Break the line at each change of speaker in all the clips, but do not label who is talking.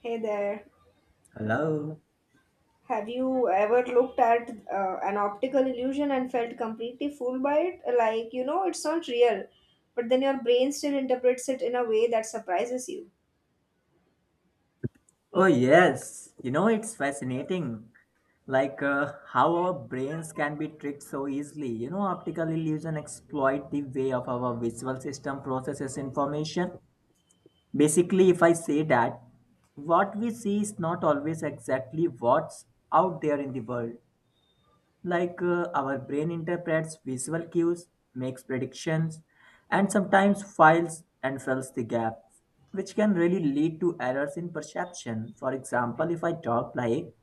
Hey there.
Hello.
Have you ever looked at an optical illusion and felt completely fooled by it? Like, you know, it's not real, but then your brain still interprets it in a way that surprises you.
Oh, yes. You know, it's fascinating. How our brains can be tricked so easily. You know, optical illusion exploit the way of our visual system processes information. Basically, if I say that, what we see is not always exactly what's out there in the world. Our brain interprets visual cues, makes predictions, and sometimes files and fills the gap, which can really lead to errors in perception. For example, if I talk like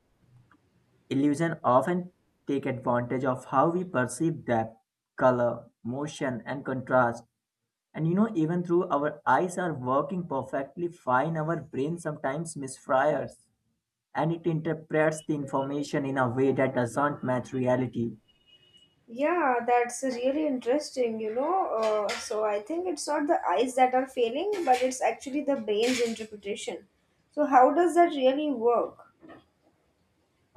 illusion often take advantage of how we perceive depth, color, motion, and contrast. And you know, even through our eyes are working perfectly fine, our brain sometimes misfires and it interprets the information in a way that doesn't match reality.
Yeah, that's really interesting, you know. So I think it's not the eyes that are failing, but it's actually the brain's interpretation. So, how does that really work?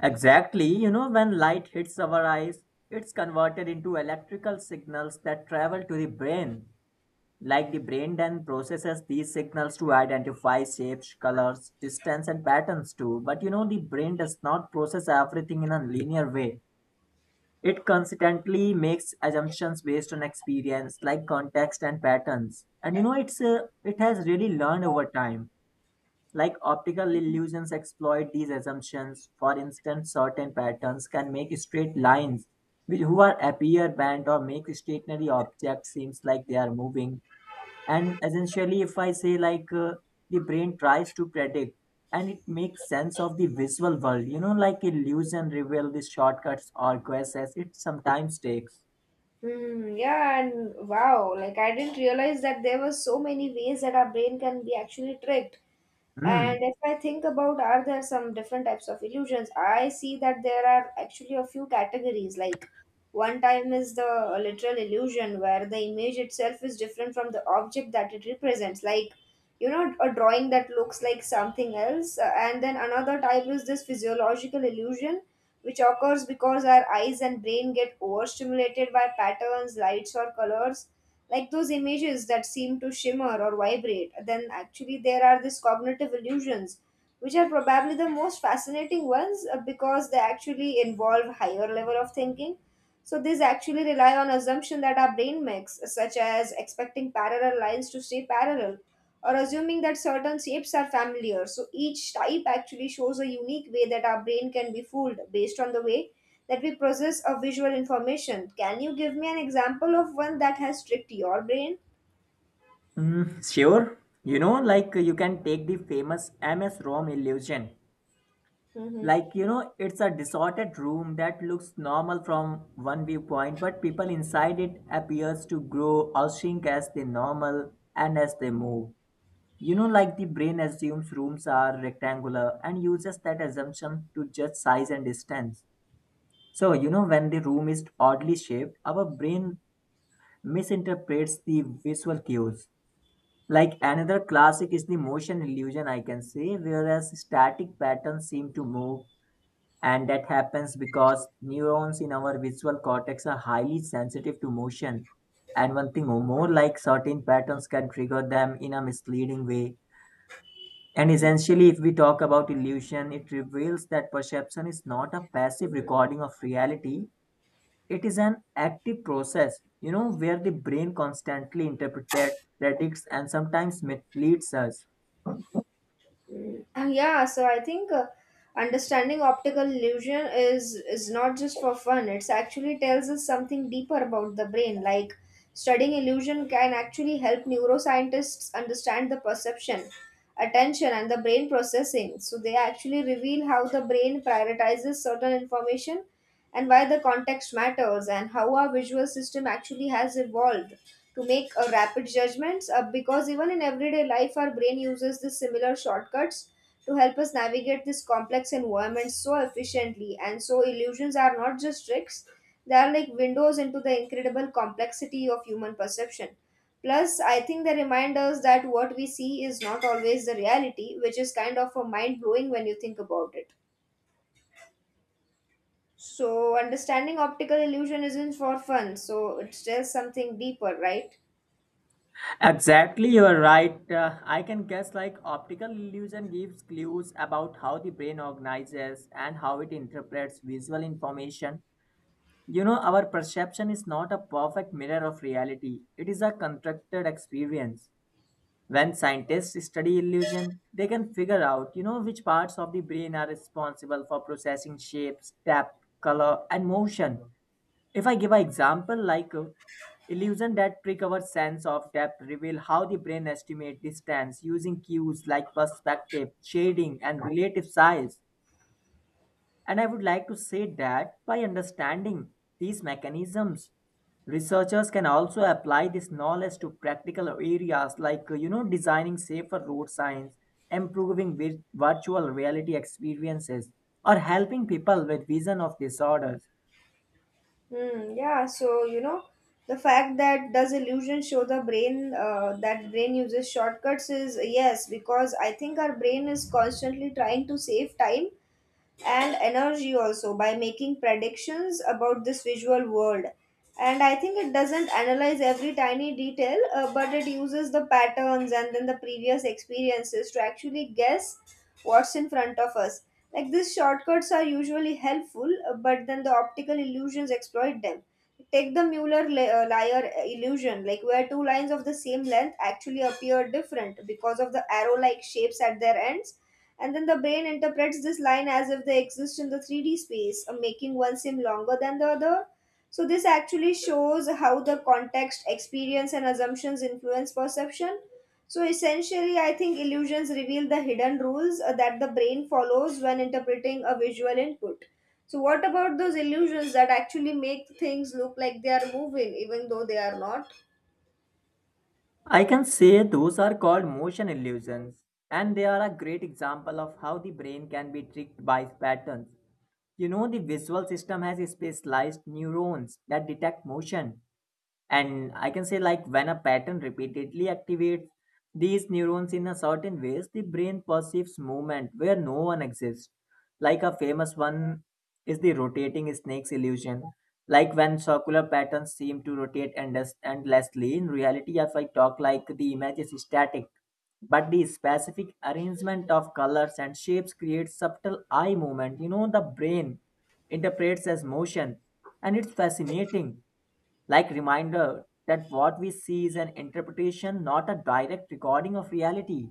Exactly. You know, when light hits our eyes, it's converted into electrical signals that travel to the brain. Like the brain then processes these signals to identify shapes, colors, distance, and patterns too. But you know, the brain does not process everything in a linear way. It constantly makes assumptions based on experience, like context and patterns. And you know, it has really learned over time. Like optical illusions exploit these assumptions. For instance, certain patterns can make straight lines which who are appear bent or make stationary objects seems like they are moving. And essentially, if I say like the brain tries to predict and it makes sense of the visual world, you know, like illusion reveal the shortcuts or guesses it sometimes takes.
Hmm, yeah, and wow, like I didn't realize that there were so many ways that our brain can be actually tricked. And
Hmm.
if I think about are there some different types of illusions, I see that there are actually a few categories. Like one time is the literal illusion where the image itself is different from the object that it represents. Like you know, a drawing that looks like something else. And then another type is this physiological illusion which occurs because our eyes and brain get overstimulated by patterns, lights, or colors, like those images that seem to shimmer or vibrate. Then, actually, there are these cognitive illusions, which are probably the most fascinating ones because they actually involve higher level of thinking, so these actually rely on assumption that our brain makes, such as expecting parallel lines to stay parallel or assuming that certain shapes are familiar. So each type actually shows a unique way that our brain can be fooled based on the way that we process a visual information. Can you give me an example of one that has tricked your brain?
Mm, sure. You know, like you can take the famous MS-ROM illusion.
Hmm.
Like you know, it's a disordered room that looks normal from one viewpoint, but people inside it appears to grow or shrink as they normal and as they move. You know, like the brain assumes rooms are rectangular and uses that assumption to judge size and distance. So you know, when the room is oddly shaped, our brain misinterprets the visual cues. Like another classic is the motion illusion, I can say, whereas static patterns seem to move. And that happens because neurons in our visual cortex are highly sensitive to motion. And one thing more, like certain patterns can trigger them in a misleading way. And essentially, if we talk about illusion, it reveals that perception is not a passive recording of reality. It is an active process, you know, where the brain constantly interprets, predicts, and sometimes misleads us.
Yeah, so I think understanding optical illusion is not just for fun. It's actually tells us something deeper about the brain. Like studying illusion can actually help neuroscientists understand the perception, attention, and the brain processing. So they actually reveal how the brain prioritizes certain information and why the context matters and how our visual system actually has evolved to make a rapid judgments because even in everyday life our brain uses the similar shortcuts to help us navigate this complex environment so efficiently, and so illusions are not just tricks, they are like windows into the incredible complexity of human perception. Plus I think they remind us that what we see is not always the reality, which is kind of a mind blowing when you think about it. So understanding optical illusion isn't for fun, so it's just something deeper, right?
Exactly, you are right. I can guess like optical illusion gives clues about how the brain organizes and how it interprets visual information. You know, our perception is not a perfect mirror of reality, it is a constructed experience. When scientists study illusion, they can figure out, you know, which parts of the brain are responsible for processing shapes, depth, color, and motion. If I give an example like Illusion that trick our sense of depth reveal how the brain estimate distance using cues like perspective, shading, and relative size. And I would like to say that by understanding these mechanisms, researchers can also apply this knowledge to practical areas you know, designing safer road signs, improving virtual reality experiences, or helping people with vision of disorders.
Hmm, yeah, so you know, the fact that does illusion show the brain, that brain uses shortcuts is yes, because I think our brain is constantly trying to save time and energy also by making predictions about this visual world. And I think it doesn't analyze every tiny detail, but it uses the patterns and then the previous experiences to actually guess what's in front of us. Like these shortcuts are usually helpful, but then the optical illusions exploit them. Take the liar illusion, like where two lines of the same length actually appear different because of the arrow like shapes at their ends, and then the brain interprets this line as if they exist in the 3D space, making one seem longer than the other. So, this actually shows how the context, experience, and assumptions influence perception. So, essentially, I think illusions reveal the hidden rules that the brain follows when interpreting a visual input. So, what about those illusions that actually make things look like they are moving, even though they are not?
I can say those are called motion illusions, and they are a great example of how the brain can be tricked by patterns. You know, the visual system has specialized neurons that detect motion, and I can say like when a pattern repeatedly activates these neurons in a certain ways, the brain perceives movement where no one exists. Like a famous one is the rotating snakes illusion, like when circular patterns seem to rotate endlessly. In reality, if I talk like the image is static, but the specific arrangement of colors and shapes creates subtle eye movement, you know, the brain interprets as motion. And it's fascinating, like reminder that what we see is an interpretation, not a direct recording of reality.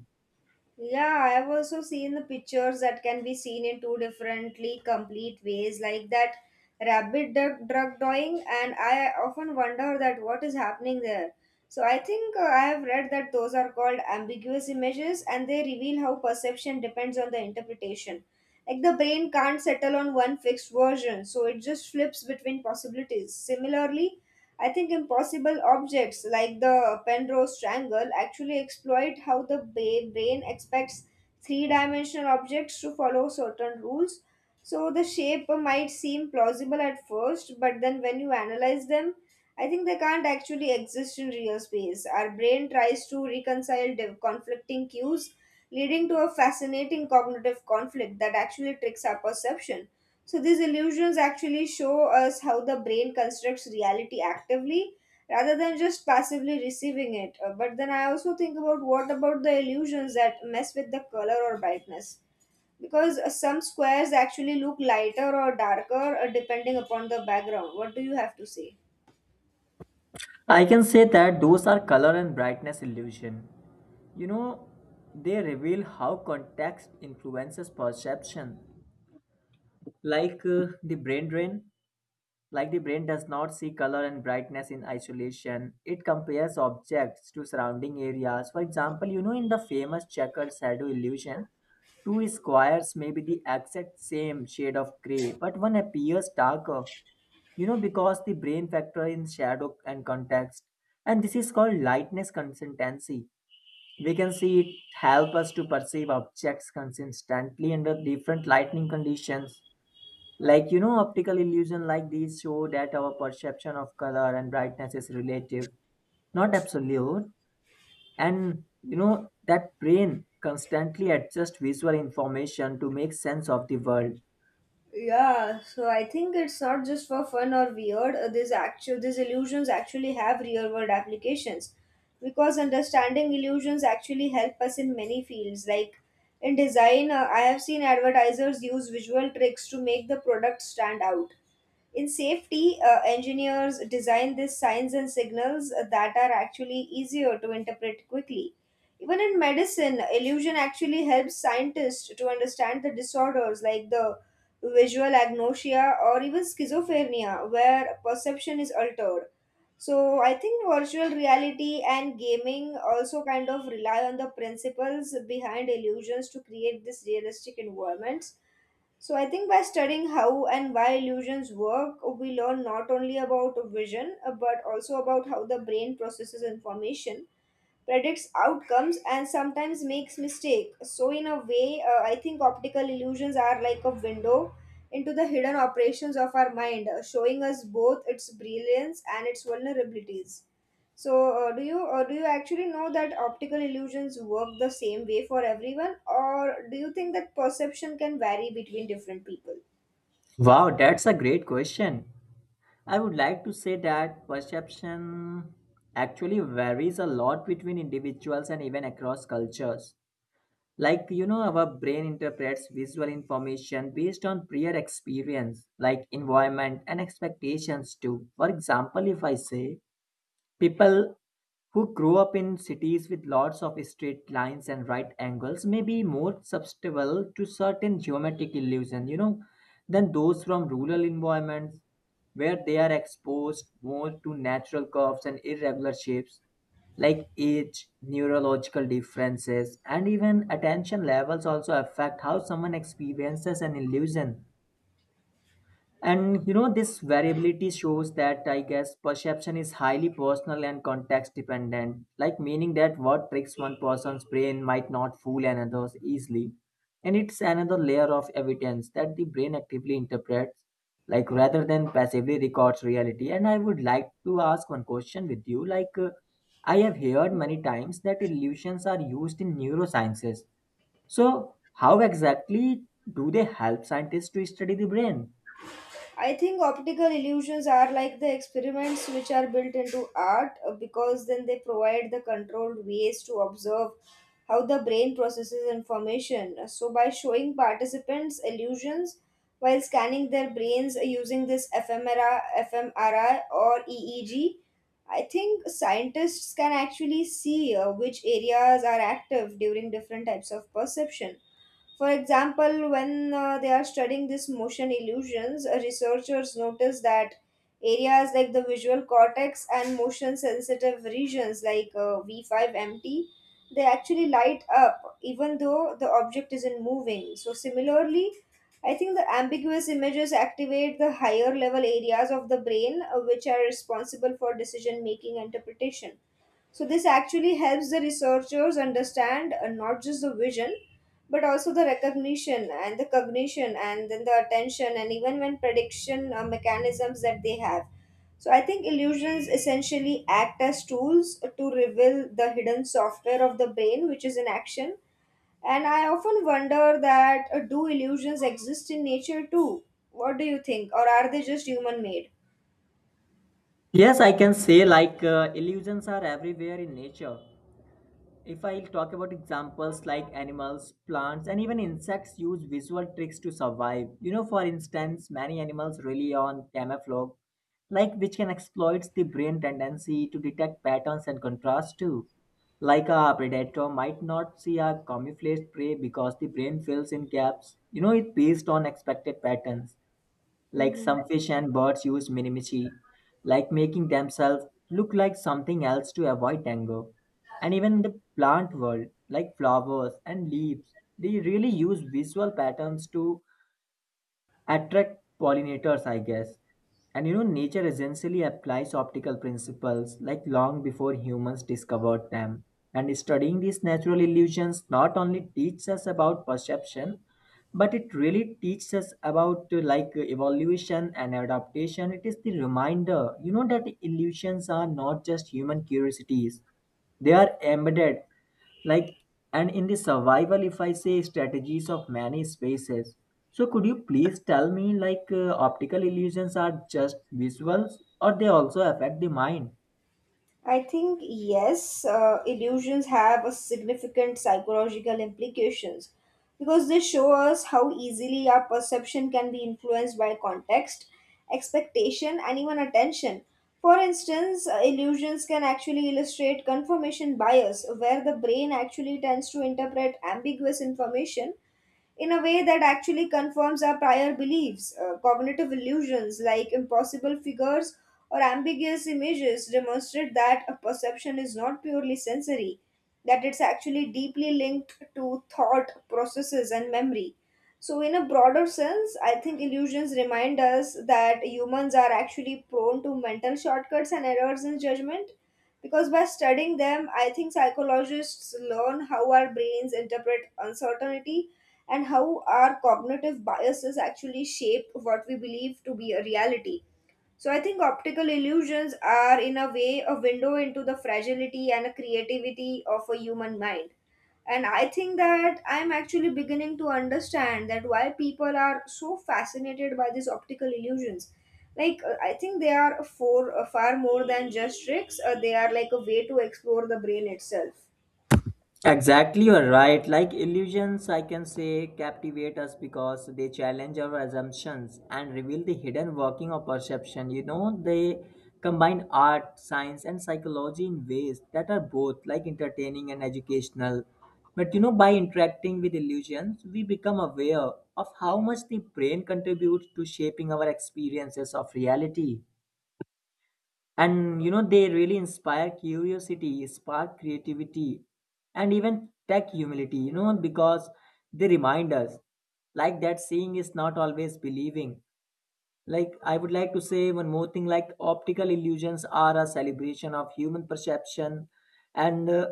Yeah, I have also seen the pictures that can be seen in two differently complete ways, like that rabbit drug, drug drawing, and I often wonder that what is happening there. So I think I have read that those are called ambiguous images, and they reveal how perception depends on the interpretation. Like the brain can't settle on one fixed version, so it just flips between possibilities. Similarly, I think impossible objects like the Penrose triangle actually exploit how the brain expects three dimensional objects to follow certain rules. So the shape might seem plausible at first, but then when you analyze them, I think they can't actually exist in real space. Our brain tries to reconcile conflicting cues, leading to a fascinating cognitive conflict that actually tricks our perception. So these illusions actually show us how the brain constructs reality actively rather than just passively receiving it. But then I also think about what about the illusions that mess with the color or brightness? Because some squares actually look lighter or darker depending upon the background. What do you have to say?
I can say that those are color and brightness illusion. You know, they reveal how context influences perception. like uh, the brain drain Like the brain does not see color and brightness in isolation, it compares objects to surrounding areas. For example, you know, in the famous checker shadow illusion, two squares may be the exact same shade of gray, but one appears darker, you know, because the brain factor in shadow and context. And this is called lightness consistency. We can see it help us to perceive objects consistently under different lighting conditions. Like, you know, optical illusion like these show that our perception of color and brightness is relative, not absolute. And, you know, that brain constantly adjusts visual information to make sense of the world.
Yeah, so I think it's not just for fun or weird. These illusions actually have real world applications, because understanding illusions actually help us in many fields. Like in design, I have seen advertisers use visual tricks to make the product stand out. In safety, engineers design these signs and signals that are actually easier to interpret quickly. Even in medicine, illusion actually helps scientists to understand the disorders like the visual agnosia, or even schizophrenia, where perception is altered. So, I think virtual reality and gaming also kind of rely on the principles behind illusions to create this realistic environments. So, I think by studying how and why illusions work, we learn not only about vision, but also about how the brain processes information, predicts outcomes, and sometimes makes mistake. So in a way I think optical illusions are like a window into the hidden operations of our mind, showing us both its brilliance and its vulnerabilities. So do you actually know that optical illusions work the same way for everyone, or do you think that perception can vary between different people?
Wow, that's a great question. I would like to say that perception actually varies a lot between individuals and even across cultures. Like you know, our brain interprets visual information based on prior experience, like environment and expectations too. For example, if I say, people who grow up in cities with lots of straight lines and right angles may be more susceptible to certain geometric illusion, you know, than those from rural environments, where they are exposed more to natural curves and irregular shapes. Like age, neurological differences, and even attention levels also affect how someone experiences an illusion. And you know, this variability shows that, I guess, perception is highly personal and context dependent, like meaning that what tricks one person's brain might not fool another's easily. And it's another layer of evidence that the brain actively interprets, like rather than passively records reality. And I would like to ask one question with you like, I have heard many times that illusions are used in neurosciences. So, how exactly do they help scientists to study the brain?
I think optical illusions are like the experiments which are built into art, because then they provide the controlled ways to observe how the brain processes information. So, by showing participants illusions while scanning their brains using this fMRI or EEG, I think scientists can actually see which areas are active during different types of perception. For example, when they are studying this motion illusions, researchers notice that areas like the visual cortex and motion sensitive regions like V5MT they actually light up even though the object isn't moving. So, similarly, I think the ambiguous images activate the higher level areas of the brain, which are responsible for decision making and interpretation. So this actually helps the researchers understand not just the vision, but also the recognition and the cognition and then the attention and even when prediction mechanisms that they have. So I think illusions essentially act as tools to reveal the hidden software of the brain, which is in action. And I often wonder that do illusions exist in nature too? What do you think, or are they just human made?
Yes, I can say illusions are everywhere in nature. If I talk about examples like animals, plants, and even insects use visual tricks to survive. You know, for instance, many animals rely on camouflage, like which can exploit the brain tendency to detect patterns and contrast too. Like a predator might not see a camouflaged prey because the brain fills in gaps. You know, it based on expected patterns, like
Hmm.
some fish and birds use mimicry, like making themselves look like something else to avoid anger. And even in the plant world, like flowers and leaves, they really use visual patterns to attract pollinators, I guess. And you know, nature essentially applies optical principles like long before humans discovered them. And studying these natural illusions not only teaches us about perception, but it really teaches us about evolution and adaptation. It is the reminder, you know, that illusions are not just human curiosities, they are embedded, like, and in the survival, if I say, strategies of many spaces. So could you please tell me, optical illusions are just visuals, or they also affect the mind?
I think yes, illusions have a significant psychological implications because they show us how easily our perception can be influenced by context, expectation, and even attention. For instance, illusions can actually illustrate confirmation bias, where the brain actually tends to interpret ambiguous information in a way that actually confirms our prior beliefs. Cognitive illusions like impossible figures or ambiguous images demonstrate that a perception is not purely sensory, that it's actually deeply linked to thought processes and memory. So, in a broader sense, I think illusions remind us that humans are actually prone to mental shortcuts and errors in judgment, because by studying them, I think psychologists learn how our brains interpret uncertainty and how our cognitive biases actually shape what we believe to be a reality. So I think optical illusions are, in a way, a window into the fragility and a creativity of a human mind. And I think that I'm actually beginning to understand that why people are so fascinated by these optical illusions. Like I think they are for far more than just tricks. They are like a way to explore the brain itself.
Exactly, you're right. Like illusions, I can say, captivate us because they challenge our assumptions and reveal the hidden working of perception. You know, they combine art, science, and psychology in ways that are both like entertaining and educational. But you know, by interacting with illusions, we become aware of how much the brain contributes to shaping our experiences of reality. And you know, they really inspire curiosity, spark creativity, and even tech humility, you know, because they remind us, like, that seeing is not always believing. Like I would like to say one more thing, like optical illusions are a celebration of human perception, and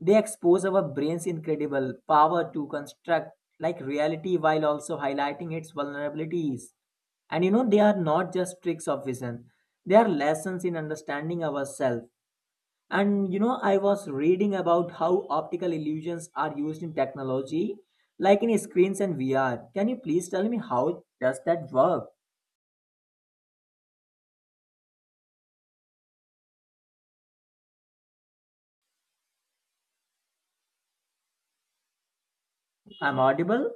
they expose our brain's incredible power to construct like reality while also highlighting its vulnerabilities. And you know, they are not just tricks of vision, they are lessons in understanding ourselves. And you know, I was reading about how optical illusions are used in technology, like in screens and VR. Can you please tell me how does that work? I'm audible?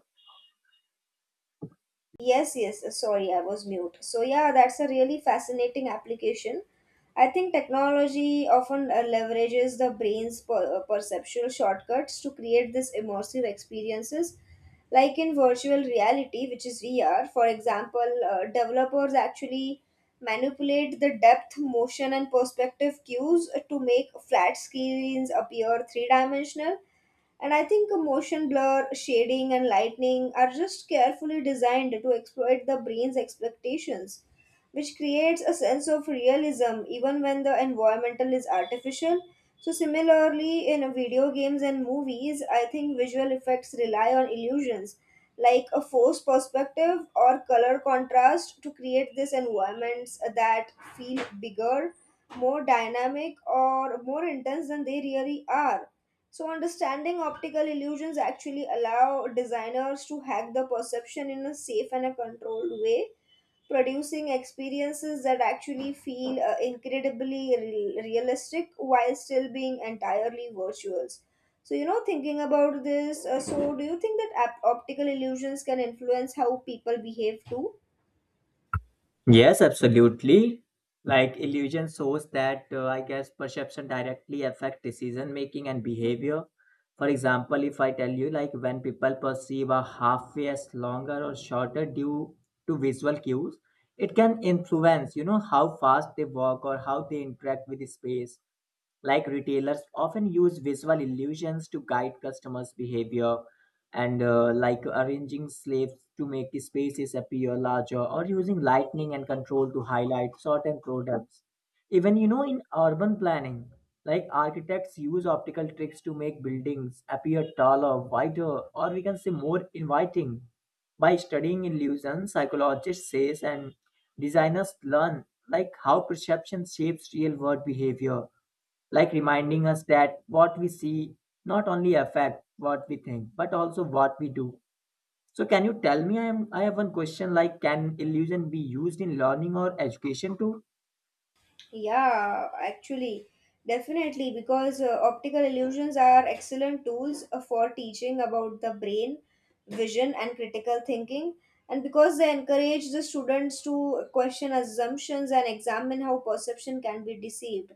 Yes, yes, sorry, I was mute. So, yeah, that's a really fascinating application. I think technology often leverages the brain's perceptual shortcuts to create these immersive experiences, like in virtual reality, which is VR. For example, developers actually manipulate the depth, motion, and perspective cues to make flat screens appear three dimensional, and I think a motion blur, shading, and lightning are just carefully designed to exploit the brain's expectations, which creates a sense of realism even when the environmental is artificial. So, similarly, in video games and movies, I think visual effects rely on illusions like a forced perspective or color contrast to create these environments that feel bigger, more dynamic, or more intense than they really are. So understanding optical illusions actually allow designers to hack the perception in a safe and a controlled way, producing experiences that actually feel incredibly realistic while still being entirely virtuals. Thinking about this, so do you think that optical illusions can influence how people behave too?
Yes, absolutely. Like illusion shows that I guess perception directly affect decision making and behavior. For example, if I tell you, like, when people perceive a half way as longer or shorter due to visual cues, it can influence, you know, how fast they walk or how they interact with space. Like, retailers often use visual illusions to guide customers behavior and like arranging slaves to make spaces appear larger or using lighting and control to highlight certain products, even, you know, in urban planning. Like architects use optical tricks to make buildings appear taller, wider, or we can say more inviting. By studying illusions, psychologists says and designers learn like how perception shapes real world behavior, like reminding us that what we see not only affect what we think, but also what we do. So can you tell me, I am I have one question, like can illusion be used in learning or education too?
Yeah, actually, definitely, because optical illusions are excellent tools for teaching about the brain, vision, and critical thinking. And because they encourage the students to question assumptions and examine how perception can be deceived.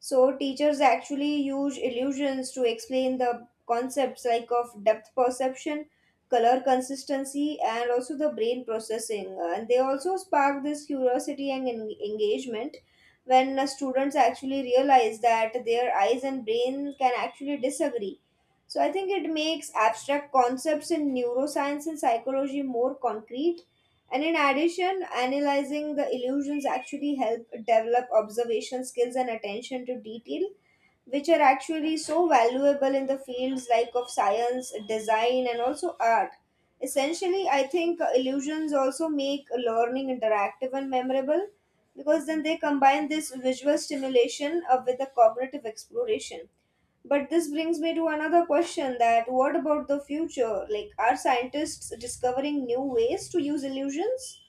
So teachers actually use illusions to explain the concepts like of depth perception, color consistency, and also the brain processing. And they also spark this curiosity and engagement when students actually realize that their eyes and brain can actually disagree. So I think it makes abstract concepts in neuroscience and psychology more concrete, and in addition, analyzing the illusions actually help develop observation skills and attention to detail, which are actually so valuable in the fields like of science, design, and also art. Essentially, I think illusions also make learning interactive and memorable because then they combine this visual stimulation with the cognitive exploration. But this brings me to another question: that what about the future? Like, are scientists discovering new ways to use illusions?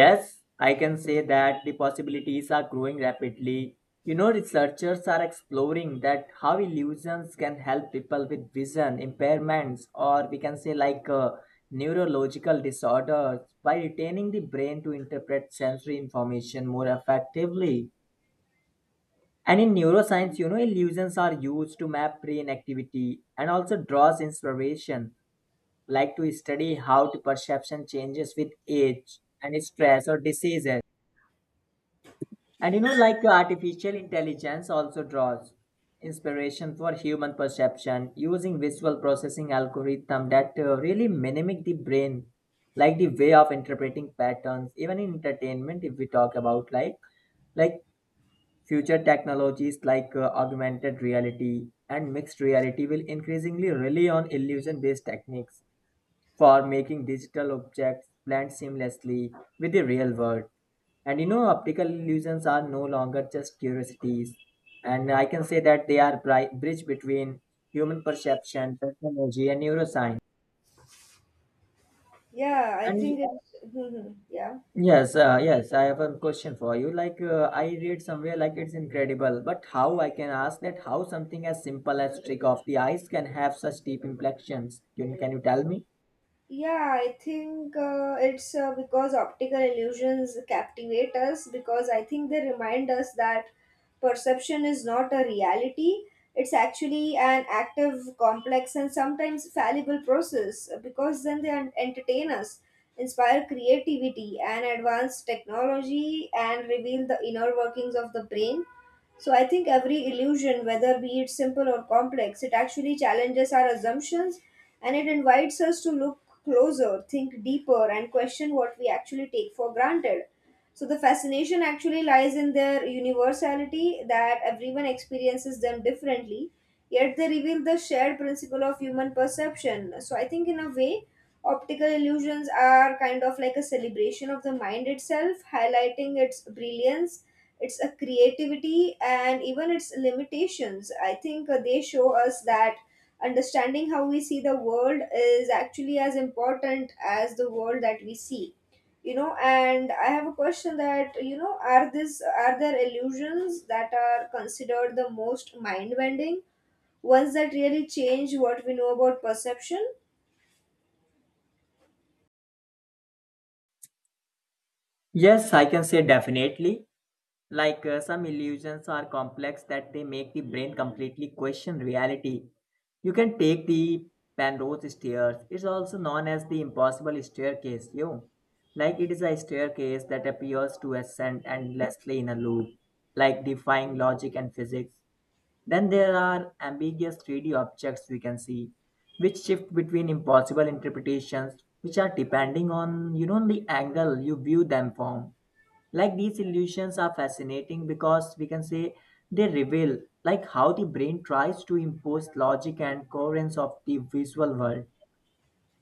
Yes, I can say that the possibilities are growing rapidly. You know, researchers are exploring that how illusions can help people with vision impairments, or we can say, like, neurological disorders, by retaining the brain to interpret sensory information more effectively. And in neuroscience, you know, illusions are used to map brain activity and also draws inspiration, like to study how the perception changes with age and stress or diseases. And you know, like artificial intelligence also draws inspiration for human perception using visual processing algorithm that really mimic the brain, like the way of interpreting patterns. Even in entertainment, if we talk about like future technologies like augmented reality and mixed reality will increasingly rely on illusion based techniques for making digital objects blend seamlessly with the real world. And you know, optical illusions are no longer just curiosities. And I can say that they are bridge between human perception, technology, and neuroscience.
Yeah, I think
And
it's. Yeah.
yes, yes, I have a question for you. Like, I read somewhere, like, it's incredible, but how I can ask that how something as simple as trick of the eyes can have such deep implications? Can you tell me?
Yeah, I think it's Because optical illusions captivate us because I think they remind us that perception is not a reality. It's actually an active, complex, and sometimes fallible process because then they entertain us, inspire creativity, and advance technology and reveal the inner workings of the brain. So I think every illusion, whether be it simple or complex, it actually challenges our assumptions, and it invites us to look closer, think deeper, and question what we actually take for granted. So the fascination actually lies in their universality, that everyone experiences them differently, yet they reveal the shared principle of human perception. So I think, in a way, optical illusions are kind of like a celebration of the mind itself, highlighting its brilliance, its creativity, and even its limitations. I think they show us that understanding how we see the world is actually as important as the world that we see. You know, and I have a question that, you know, are there illusions that are considered the most mind bending ones that really change what we know about perception?
Yes, I can say definitely. Like, some illusions are complex that they make the brain completely question reality. You can take the Penrose stairs. It's also known as the impossible staircase, you. Like, it is a staircase that appears to ascend endlessly in a loop, like defying logic and physics. Then there are ambiguous 3D objects we can see, which shift between impossible interpretations, which are depending on, you know, the angle you view them from. Like these illusions are fascinating because we can say they reveal like how the brain tries to impose logic and coherence of the visual world.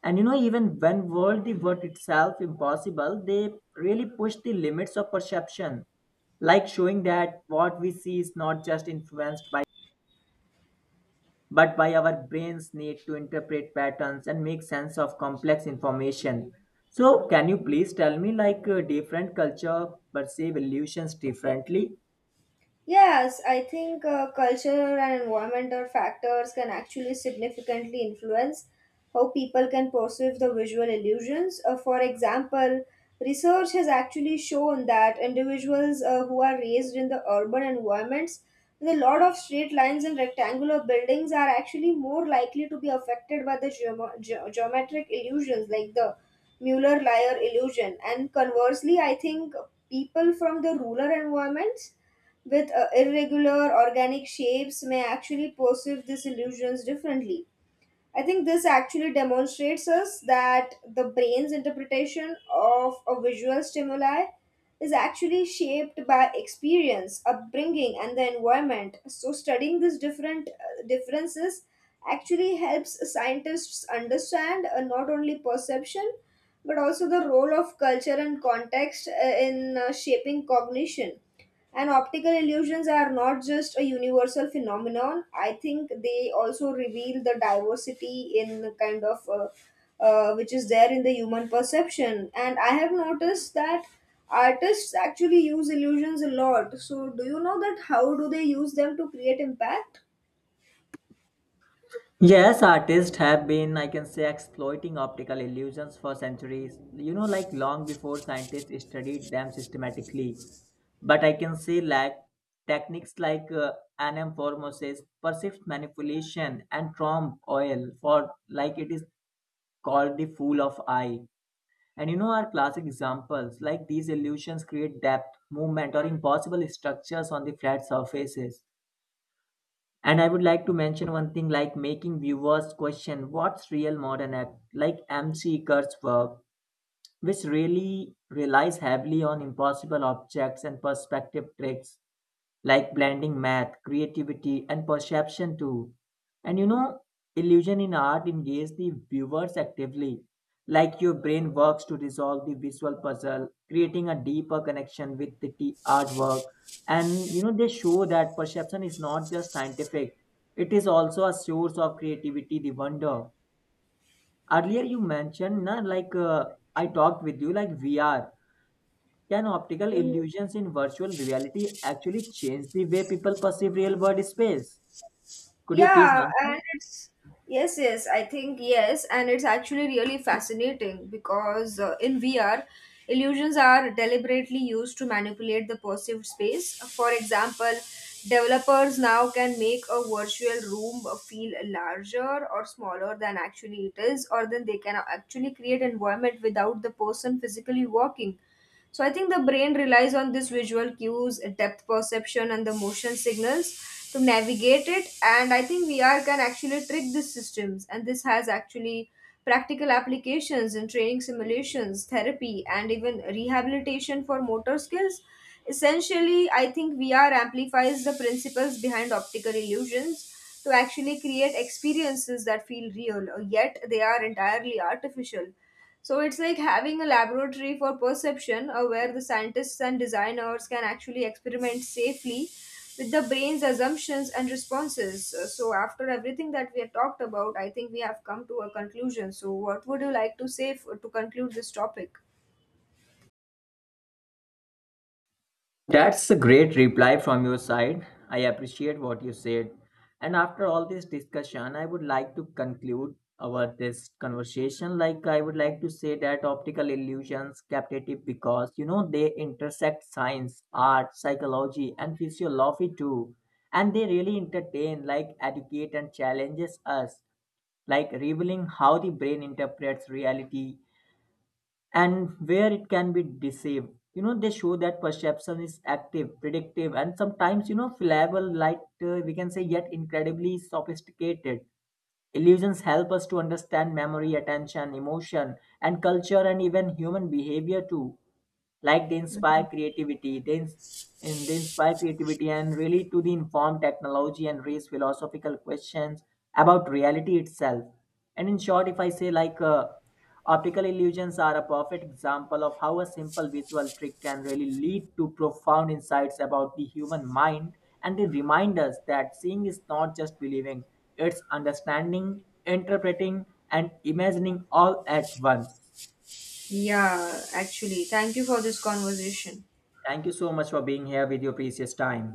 And you know, even when world the word itself impossible, they really push the limits of perception, like showing that what we see is not just influenced by, but by our brain's need to interpret patterns and make sense of complex information. So can you please tell me, like, different culture perceive illusions differently?
Yes, I think culture and environmental factors can actually significantly influence how people can perceive the visual illusions. For example, research has actually shown that individuals who are raised in the urban environments with a lot of straight lines and rectangular buildings are actually more likely to be affected by the geometric illusions like the Mueller-Lyer illusion. And conversely, I think people from the rural environments with irregular organic shapes may actually perceive these illusions differently. I think this actually demonstrates us that the brain's interpretation of a visual stimuli is actually shaped by experience, upbringing, and the environment. So, studying these different differences actually helps scientists understand, not only perception but also the role of culture and context, in shaping cognition. And optical illusions are not just a universal phenomenon. I think they also reveal the diversity in the kind of which is there in the human perception. And I have noticed that artists actually use illusions a lot. So, do you know that how do they use them to create impact?
Yes, artists have been, I can say, exploiting optical illusions for centuries, you know, like long before scientists studied them systematically. But I can say, like, techniques like anamorphosis, perceived manipulation, and trompe oil, for like it is called the fool of eye. And you know, our classic examples, like these illusions create depth, movement, or impossible structures on the flat surfaces. And I would like to mention one thing, like making viewers question what's real modern act, like MC Kurt's work, which really relies heavily on impossible objects and perspective tricks, like blending math, creativity, and perception too. And you know, illusion in art engages the viewers actively, like your brain works to resolve the visual puzzle, creating a deeper connection with the artwork. And you know, they show that perception is not just scientific, it is also a source of creativity, the wonder. Earlier, you mentioned, na, like, I talked with you, like, VR. Can optical illusions in virtual reality actually change the way people perceive real world space? Could you please
Yeah,
answer?
and it's yes, yes, I think yes, and it's actually really fascinating because, in VR, illusions are deliberately used to manipulate the perceived space. For example, developers now can make a virtual room feel larger or smaller than actually it is, or then they can actually create environment without the person physically walking. So I think the brain relies on this visual cues, depth perception, and the motion signals to navigate it. And I think VR can actually trick these systems, and this has actually practical applications in training simulations, therapy, and even rehabilitation for motor skills. Essentially, I think VR amplifies the principles behind optical illusions to actually create experiences that feel real, yet they are entirely artificial. So it's like having a laboratory for perception where the scientists and designers can actually experiment safely with the brain's assumptions and responses. So after everything that we have talked about, I think we have come to a conclusion. So what would you like to say to conclude this topic?
That's a great reply from your side. I appreciate what you said. And after all this discussion, I would like to conclude our this conversation. Like, I would like to say that optical illusions captivate because, you know, they intersect science, art, psychology, and physiology too. And they really entertain, like educate and challenges us, like revealing how the brain interprets reality and where it can be deceived. You know, they show that perception is active, predictive, and sometimes, you know, flammable, like, we can say, yet incredibly sophisticated. Illusions help us to understand memory, attention, emotion, and culture, and even human behavior too. Like they inspire creativity, and they inspire creativity and really to the inform technology and raise philosophical questions about reality itself. And in short, if I say like optical illusions are a perfect example of how a simple visual trick can really lead to profound insights about the human mind, and they remind us that seeing is not just believing, it's understanding, interpreting, and imagining all at once.
Yeah, actually, thank you for this conversation.
Thank you so much for being here with your precious time.